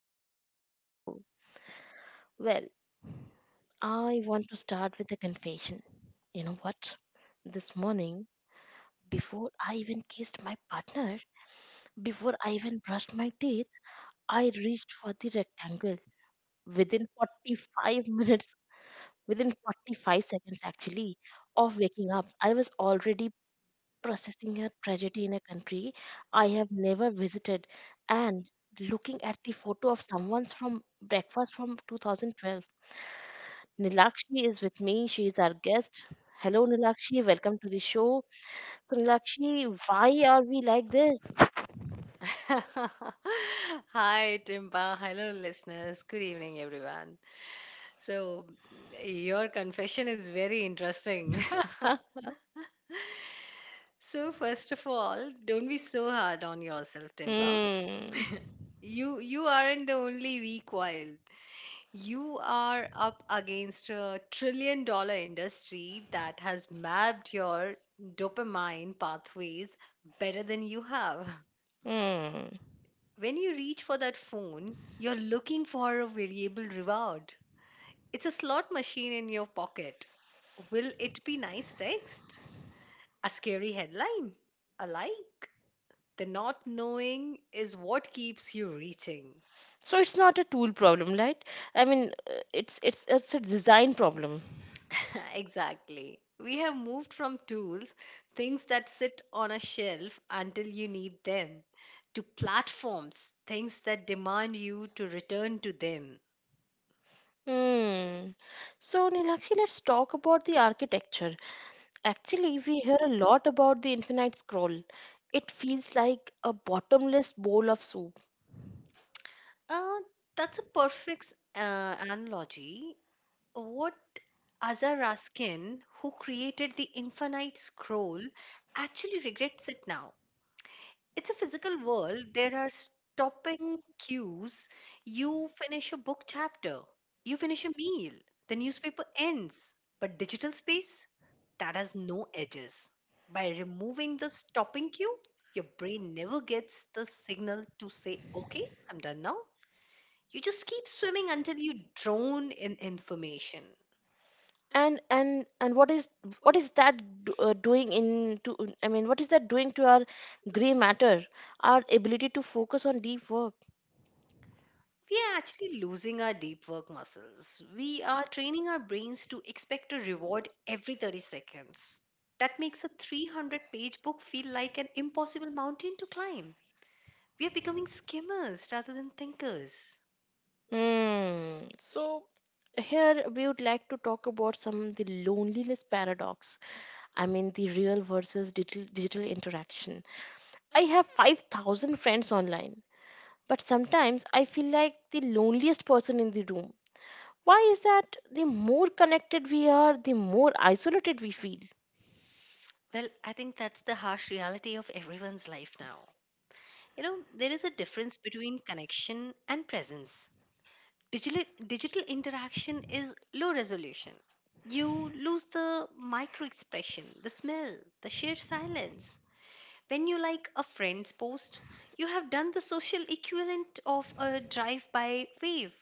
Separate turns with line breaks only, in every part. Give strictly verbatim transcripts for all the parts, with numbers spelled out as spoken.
and welcome to the show. Well, I want to start with a confession. You know what? This morning, before I even kissed my partner, before I even brushed my teeth, I reached for the rectangle. Within forty-five minutes, within forty-five seconds actually, of waking up, I was already processing a tragedy in a country I have never visited and looking at the photo of someone's from breakfast from twenty twelve. Nilakshi is with me. She is our guest. Hello, Nilakshi. Welcome to the show. So, Nilakshi, why are we like this?
Hi, Timpa. Hello, listeners. Good evening, everyone. So, your confession is very interesting. So, first of all, don't be so hard on yourself, Timpa.
Mm.
You you aren't the only weak wild. You are up against a trillion dollar industry that has mapped your dopamine pathways better than you have.
Mm.
When you reach for that phone, you're looking for a variable reward. It's a slot machine in your pocket. Will it be nice text? A scary headline? A like? The not knowing is what keeps you reaching.
So it's not a tool problem, right? I mean, uh, it's it's it's a design problem.
exactly. We have moved from tools, things that sit on a shelf until you need them, to platforms, things that demand you to return to them.
Hmm. So, Nilakshi, let's talk about the architecture. Actually, we hear a lot about the infinite scroll. It feels like a bottomless bowl of soup.
Uh, that's a perfect uh, analogy. What Azar Raskin, who created the infinite scroll, actually regrets it now. It's a physical world. There are stopping cues. You finish a book chapter, you finish a meal, the newspaper ends. But digital space, that has no edges. By removing the stopping cue, your brain never gets the signal to say, okay, I'm done now. You just keep swimming until you drown in information.
and and and what is what is that do, uh, doing in to I mean what is that doing to our gray matter, our ability to focus on deep work?
We are actually losing our deep work muscles. We are training our brains to expect a reward every thirty seconds. That makes a three hundred page book feel like an impossible mountain to climb. We are becoming skimmers rather than thinkers.
Hmm. So here we would like to talk about some the loneliness paradox. I mean the real versus digital, digital interaction. I have five thousand friends online, but sometimes I feel like the loneliest person in the room. Why is that? The more connected we are, the more isolated we feel.
Well, I think that's the harsh reality of everyone's life now. You know, there is a difference between connection and presence. Digital, digital interaction is low resolution. You lose the micro expression, the smell, the sheer silence. When you like a friend's post, you have done the social equivalent of a drive by wave.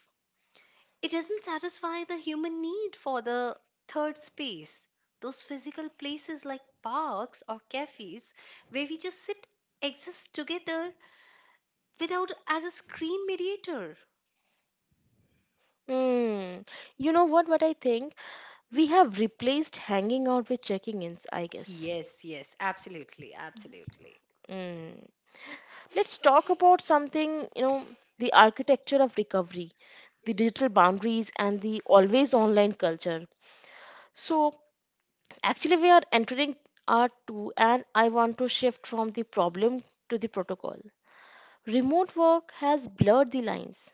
It doesn't satisfy the human need for the third space. Those physical places like parks or cafes where we just sit exist together without as a screen mediator.
Hmm. You know what? What I think, we have replaced hanging out with checking ins. I guess.
Yes, yes, absolutely, absolutely.
Mm. Let's talk about something, you know, the architecture of recovery, the digital boundaries, and the always online culture. So, actually, we are entering R two, and I want to shift from the problem to the protocol. Remote work has blurred the lines.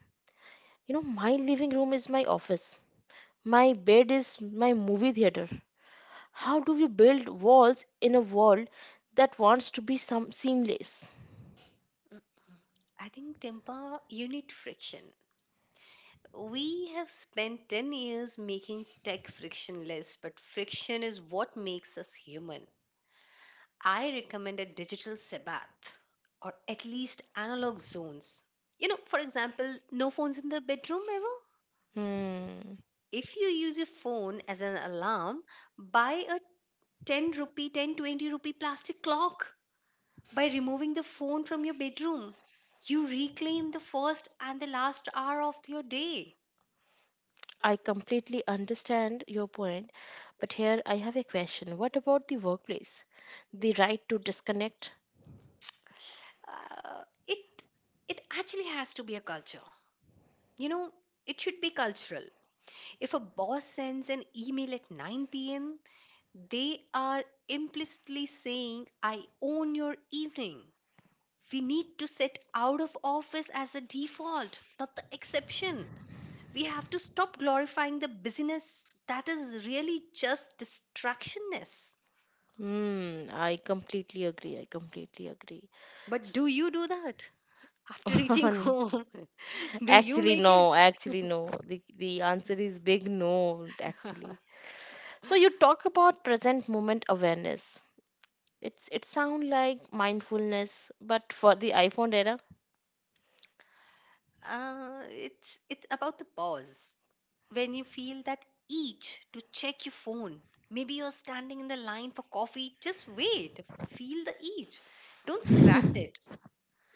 You know, my living room is my office, my bed is my movie theater. How do we build walls in a world that wants to be some seamless?
Mm, I think temper you need friction. We have spent ten years making tech frictionless, but friction is what makes us human. I recommend a digital Sabbath or at least analog zones. You know, for example, no phones in the bedroom ever.
Hmm.
If you use your phone as an alarm, buy a ten rupee, ten twenty rupee plastic clock by removing the phone from your bedroom. You reclaim the first and the last hour of your day.
I completely understand your point, but here I have a question. What about the workplace? The right to disconnect?
uh, it it actually has to be a culture, you know, it should be cultural. If a boss sends an email at nine p m p.m., they are implicitly saying, I own your evening. We need to set out of office as a default, not the exception. We have to stop glorifying the business that is really just distractionness.
Hmm, I completely agree. I completely agree.
But do you do that after reaching home? Do you
Actually,
make it?
no. Actually, no. The the answer is big no, actually. So you talk about present moment awareness. It's it sound like mindfulness, but for the iPhone era.
Uh, it's it's about the pause when you feel that itch to check your phone. Maybe you're standing in the line for coffee. Just wait. Feel the itch. Don't scratch it.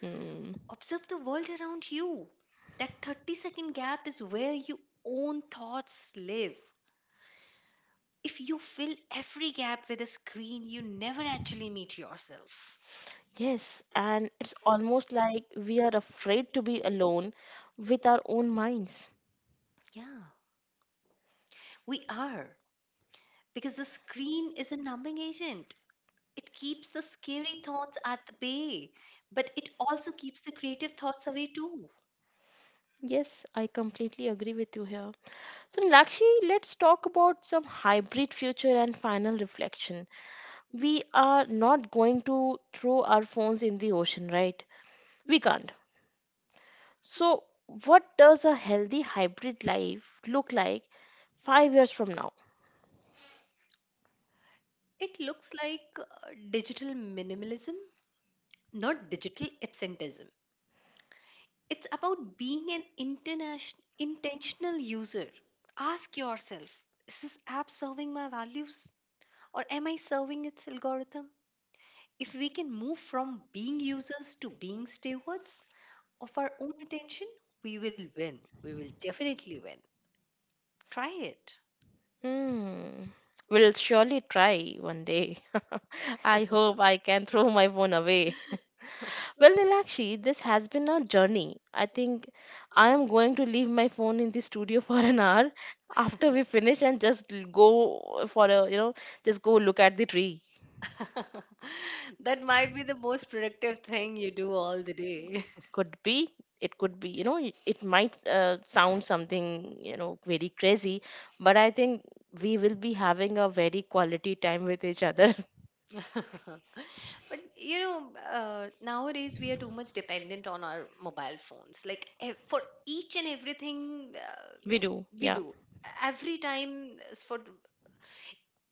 Mm.
Observe the world around you. That thirty second gap is where your own thoughts live. If you fill every gap with a screen, you never actually meet yourself.
Yes, and it's almost like we are afraid to be alone with our own minds.
Yeah, we are. Because the screen is a numbing agent. It keeps the scary thoughts at the bay, but it also keeps the creative thoughts away too.
Yes, I completely agree with you here. So, Lakshi, let's talk about some hybrid future and final reflection. We are not going to throw our phones in the ocean, right? We can't. So, what does a healthy hybrid life look like five years from now?
It looks like uh, digital minimalism, not digital absenteeism. It's about being an international, intentional user. Ask yourself, is this app serving my values or am I serving its algorithm? If we can move from being users to being stewards of our own attention, we will win. We will definitely win. Try it.
Hmm. Will surely try one day. I hope I can throw my phone away. Well, Nilakshi, this has been a journey. I think I am going to leave my phone in the studio for an hour after we finish and just l- go for a, you know, just go look at the tree.
That might be the most productive thing you do all the day.
Could be, it could be, you know, y- it might uh, sound something, you know, very crazy, but I think we will be having a very quality time with each other.
But you know, uh, nowadays we are too much dependent on our mobile phones. Like ev- for each and everything uh,
We do,
we
yeah.
do, every time uh, s- for th-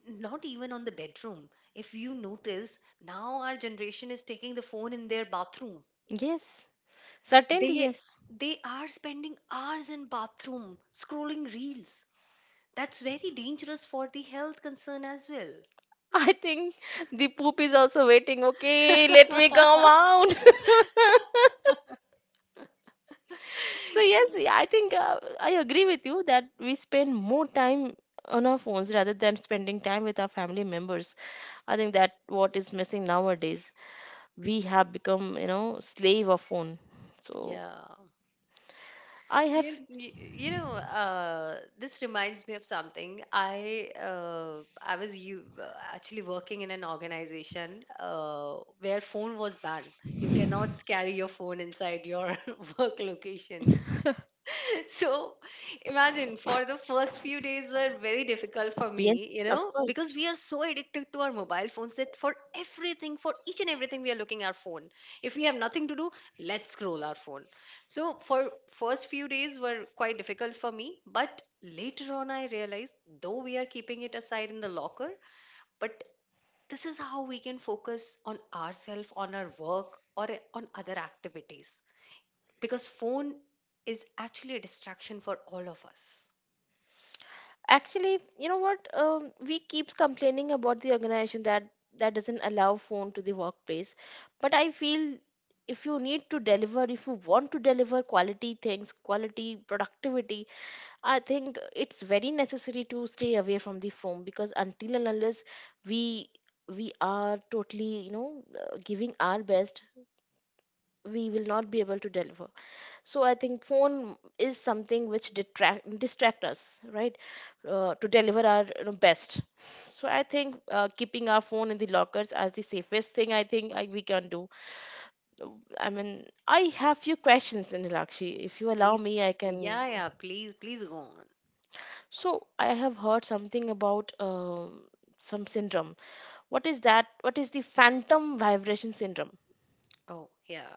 not even on the bedroom. If you notice, now our generation is taking the phone in their bathroom.
Yes.
Certainly.
Certainly,
They
yes.
they are spending hours in bathroom scrolling reels. That's very dangerous for the health concern as well.
I think the poop is also waiting. Okay, let me come out. So, yes, yeah, I think uh, I agree with you that we spend more time on our phones rather than spending time with our family members. I think that what is missing nowadays. We have become, you know, slave of phone. So,
Yeah.
I have.
You, you, you know, uh, this reminds me of something. I uh, I was you uh, actually working in an organization uh, where phone was banned. You cannot carry your phone inside your work location. So imagine for the first few days were very difficult for
Yes,
me, you
of
know, because
course.
we are so addicted to our mobile phones that for everything, for each and everything, we are looking our phone. If we have nothing to do, let's scroll our phone. So for first few days were quite difficult for me, but later on I realized though we are keeping it aside in the locker, but this is how we can focus on ourselves, on our work, or eh, on other activities because phone is actually a distraction for all of us.
Actually, you know what? Um, we keeps complaining about the organization that that doesn't allow phone to the workplace, but I feel if you need to deliver, if you want to deliver quality things, quality productivity, I think it's very necessary to stay away from the phone, because until and unless we we are totally, you know, uh, giving our best, we will not be able to deliver. So I think phone is something which detract distract us, right? Uh, to deliver our, you know, best. So I think uh, keeping our phone in the lockers as the safest thing I think I, we can do. Uh, I mean, I have few questions, Nilakshi. If you allow
Please,
me I can.
yeah, yeah, please, please go on.
So I have heard something about um some syndrome. What is that? What is the phantom vibration syndrome?
Oh, yeah.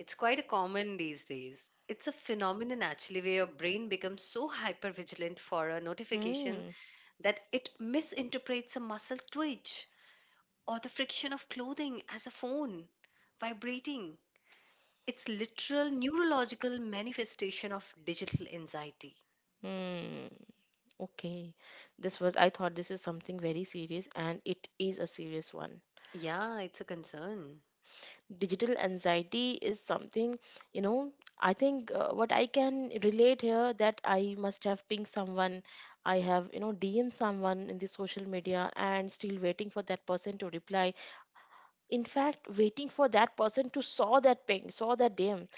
It's quite a common these days. It's a phenomenon actually where your brain becomes so hyper vigilant for a notification
Hmm.
that it misinterprets a muscle twitch or the friction of clothing as a phone vibrating. It's literal neurological manifestation of digital anxiety.
Hmm. Okay, this was, I thought this is something very serious, and it is a serious one.
Yeah, it's a concern.
Digital anxiety is something, you know, I think uh, what I can relate here that I must have pinged someone, I have, you know, D M'd someone in the social media and still waiting for that person to reply. In fact, waiting for that person to saw that ping, saw that D M.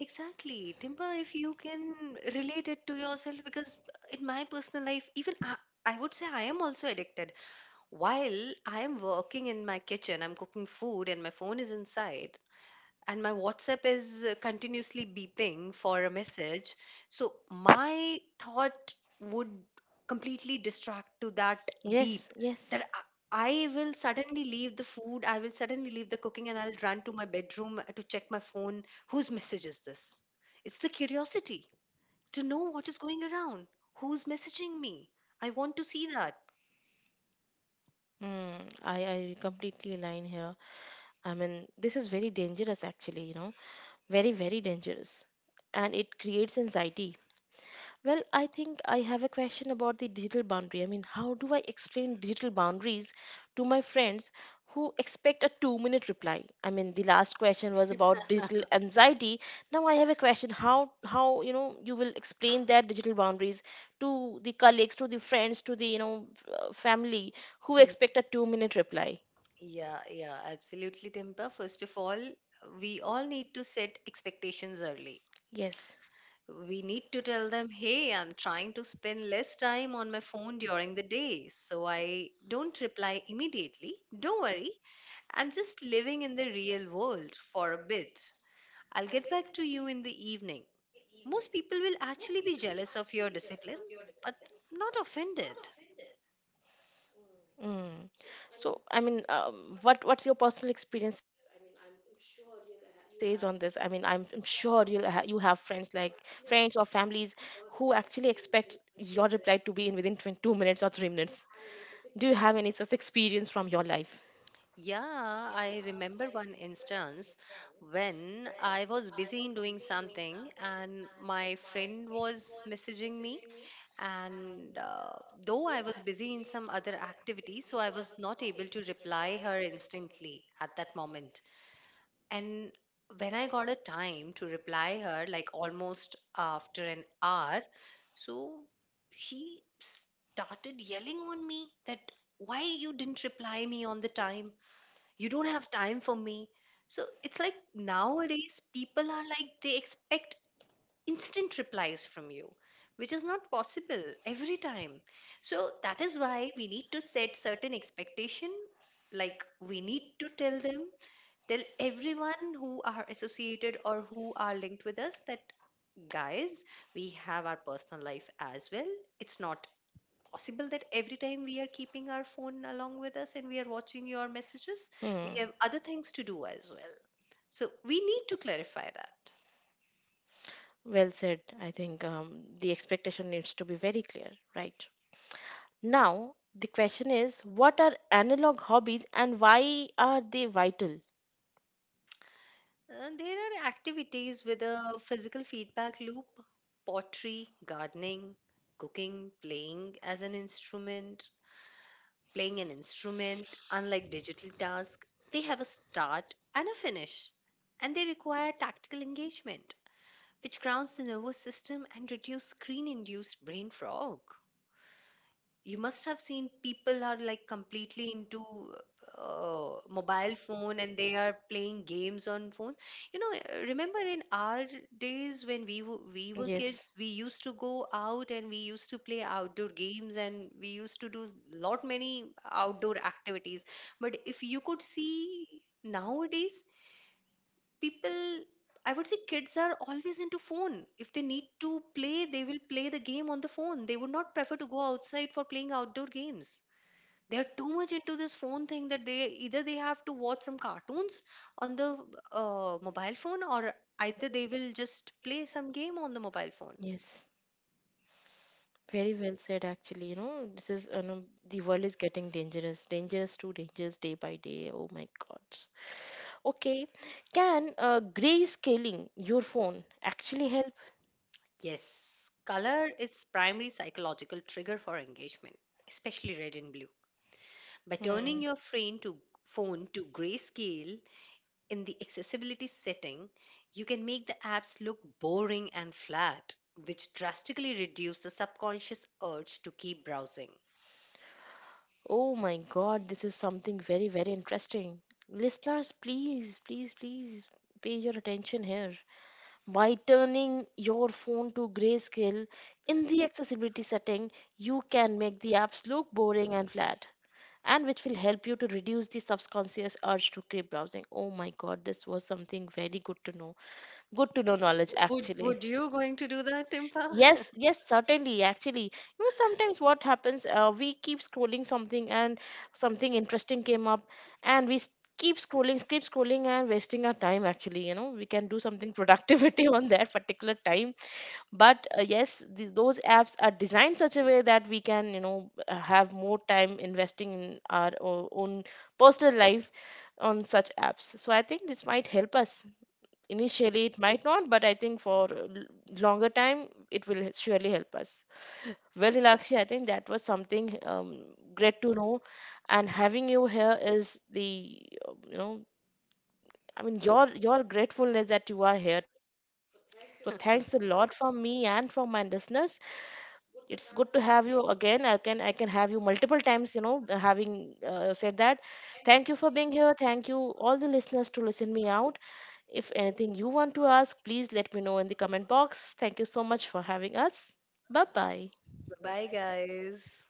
Exactly. Timba, if you can relate it to yourself, because in my personal life, even I, I would say I am also addicted. While I am working in my kitchen, I'm cooking food and my phone is inside and my WhatsApp is uh, continuously beeping for a message. So my thought would completely distract to that
Yes,
beep
yes.
that I I will suddenly leave the food, I will suddenly leave the cooking, and I'll run to my bedroom to check my phone. Whose message is this? It's the curiosity to know what is going around. Who's messaging me? I want to see that.
Hmm, I, I completely align here. I mean, this is very dangerous, actually, you know, very, very dangerous. And it creates anxiety. Well, I think I have a question about the digital boundary. I mean, how do I explain digital boundaries to my friends who expect a two minute reply? I mean, the last question was about digital anxiety. Now I have a question, how, how, you know, you will explain that digital boundaries to the colleagues, to the friends, to the, you know, f- uh, family who
Hmm.
expect a two minute reply?
Yeah, yeah, absolutely, Dimpa. First of all, we all need to set expectations early.
Yes.
We need to tell them, hey, I'm trying to spend less time on my phone during the day, so I don't reply immediately. Don't worry, I'm just living in the real world for a bit. I'll get back to you in the evening. Most people will actually be jealous of your discipline, but not offended.
Mm. So, I mean, um, what what's your personal experience says on this? I mean, I'm, I'm sure you'll ha you have friends like friends or families who actually expect your reply to be in within twenty-two minutes or three minutes. Do you have any such experience from your life?
Yeah, I remember one instance when I was busy in doing something and my friend was messaging me. And uh, though I was busy in some other activity, so I was not able to reply her instantly at that moment. And when I got a time to reply her, like almost after an hour, so she started yelling on me that why you didn't reply me on the time, you don't have time for me. So it's like nowadays people are like they expect instant replies from you, which is not possible every time. So that is why we need to set certain expectation, like we need to tell them, tell everyone who are associated or who are linked with us that, guys, we have our personal life as well. It's not possible that every time we are keeping our phone along with us and we are watching your messages,
Hmm.
we have other things to do as well. So we need to clarify that.
Well said. I think um, the expectation needs to be very clear, right? Now, the question is, what are analog hobbies and why are they vital?
And there are activities with a physical feedback loop, pottery, gardening, cooking, playing as an instrument, playing an instrument, unlike digital tasks, they have a start and a finish, and they require tactical engagement, which grounds the nervous system and reduce screen induced brain fog. You must have seen people are like completely into uh, mobile phone and they are playing games on phone, you know, uh, remember in our days when we w- we were kids
Yes.
we used to go out and we used to play outdoor games and we used to do lot many outdoor activities. But if you could see nowadays people, I would say kids are always into phone. If they need to play they will play the game on the phone, they would not prefer to go outside for playing outdoor games. They are too much into this phone thing that they either they have to watch some cartoons on the uh, mobile phone or either they will just play some game on the mobile phone.
Yes, very well said actually. You know, this is, you know, the world is getting dangerous, dangerous to dangerous day by day. Oh my God. Okay, can uh, grayscaling your phone actually help?
Yes, color is primary psychological trigger for engagement, especially red and blue. By turning
Hmm.
your frame to phone to grayscale in the accessibility setting, you can make the apps look boring and flat, which drastically reduce the subconscious urge to keep browsing.
Oh my God, this is something very, very interesting. Listeners, please, please, please pay your attention here. By turning your phone to grayscale in the accessibility setting, you can make the apps look boring and flat, and which will help you to reduce the subconscious urge to keep browsing. Oh my god, this was something very good to know. Good to know knowledge,
Would
actually.
would you going to do that, Timpa?
Yes, yes, certainly. Actually, you know, sometimes what happens, uh, we keep scrolling something, and something interesting came up, and we s- keep scrolling, keep scrolling, and wasting our time. Actually, you know, we can do something productivity on that particular time. But uh, yes, the, those apps are designed such a way that we can, you know, uh, have more time investing in our o- own personal life on such apps. So I think this might help us. Initially it might not, but I think for l- longer time it will surely help us. Well, Lakshya, I think that was something um, great to know, and having you here is the, uh, you know, I mean your your gratefulness that you are here today. So thanks a lot from me and from my listeners. It's good to have you again. i can I can have you multiple times, you know. Having uh, said that, thank you for being here. Thank you all the listeners to listen me out. If anything you want to ask, please let me know in the comment box. Thank you so much for having us. Bye bye.
Bye guys.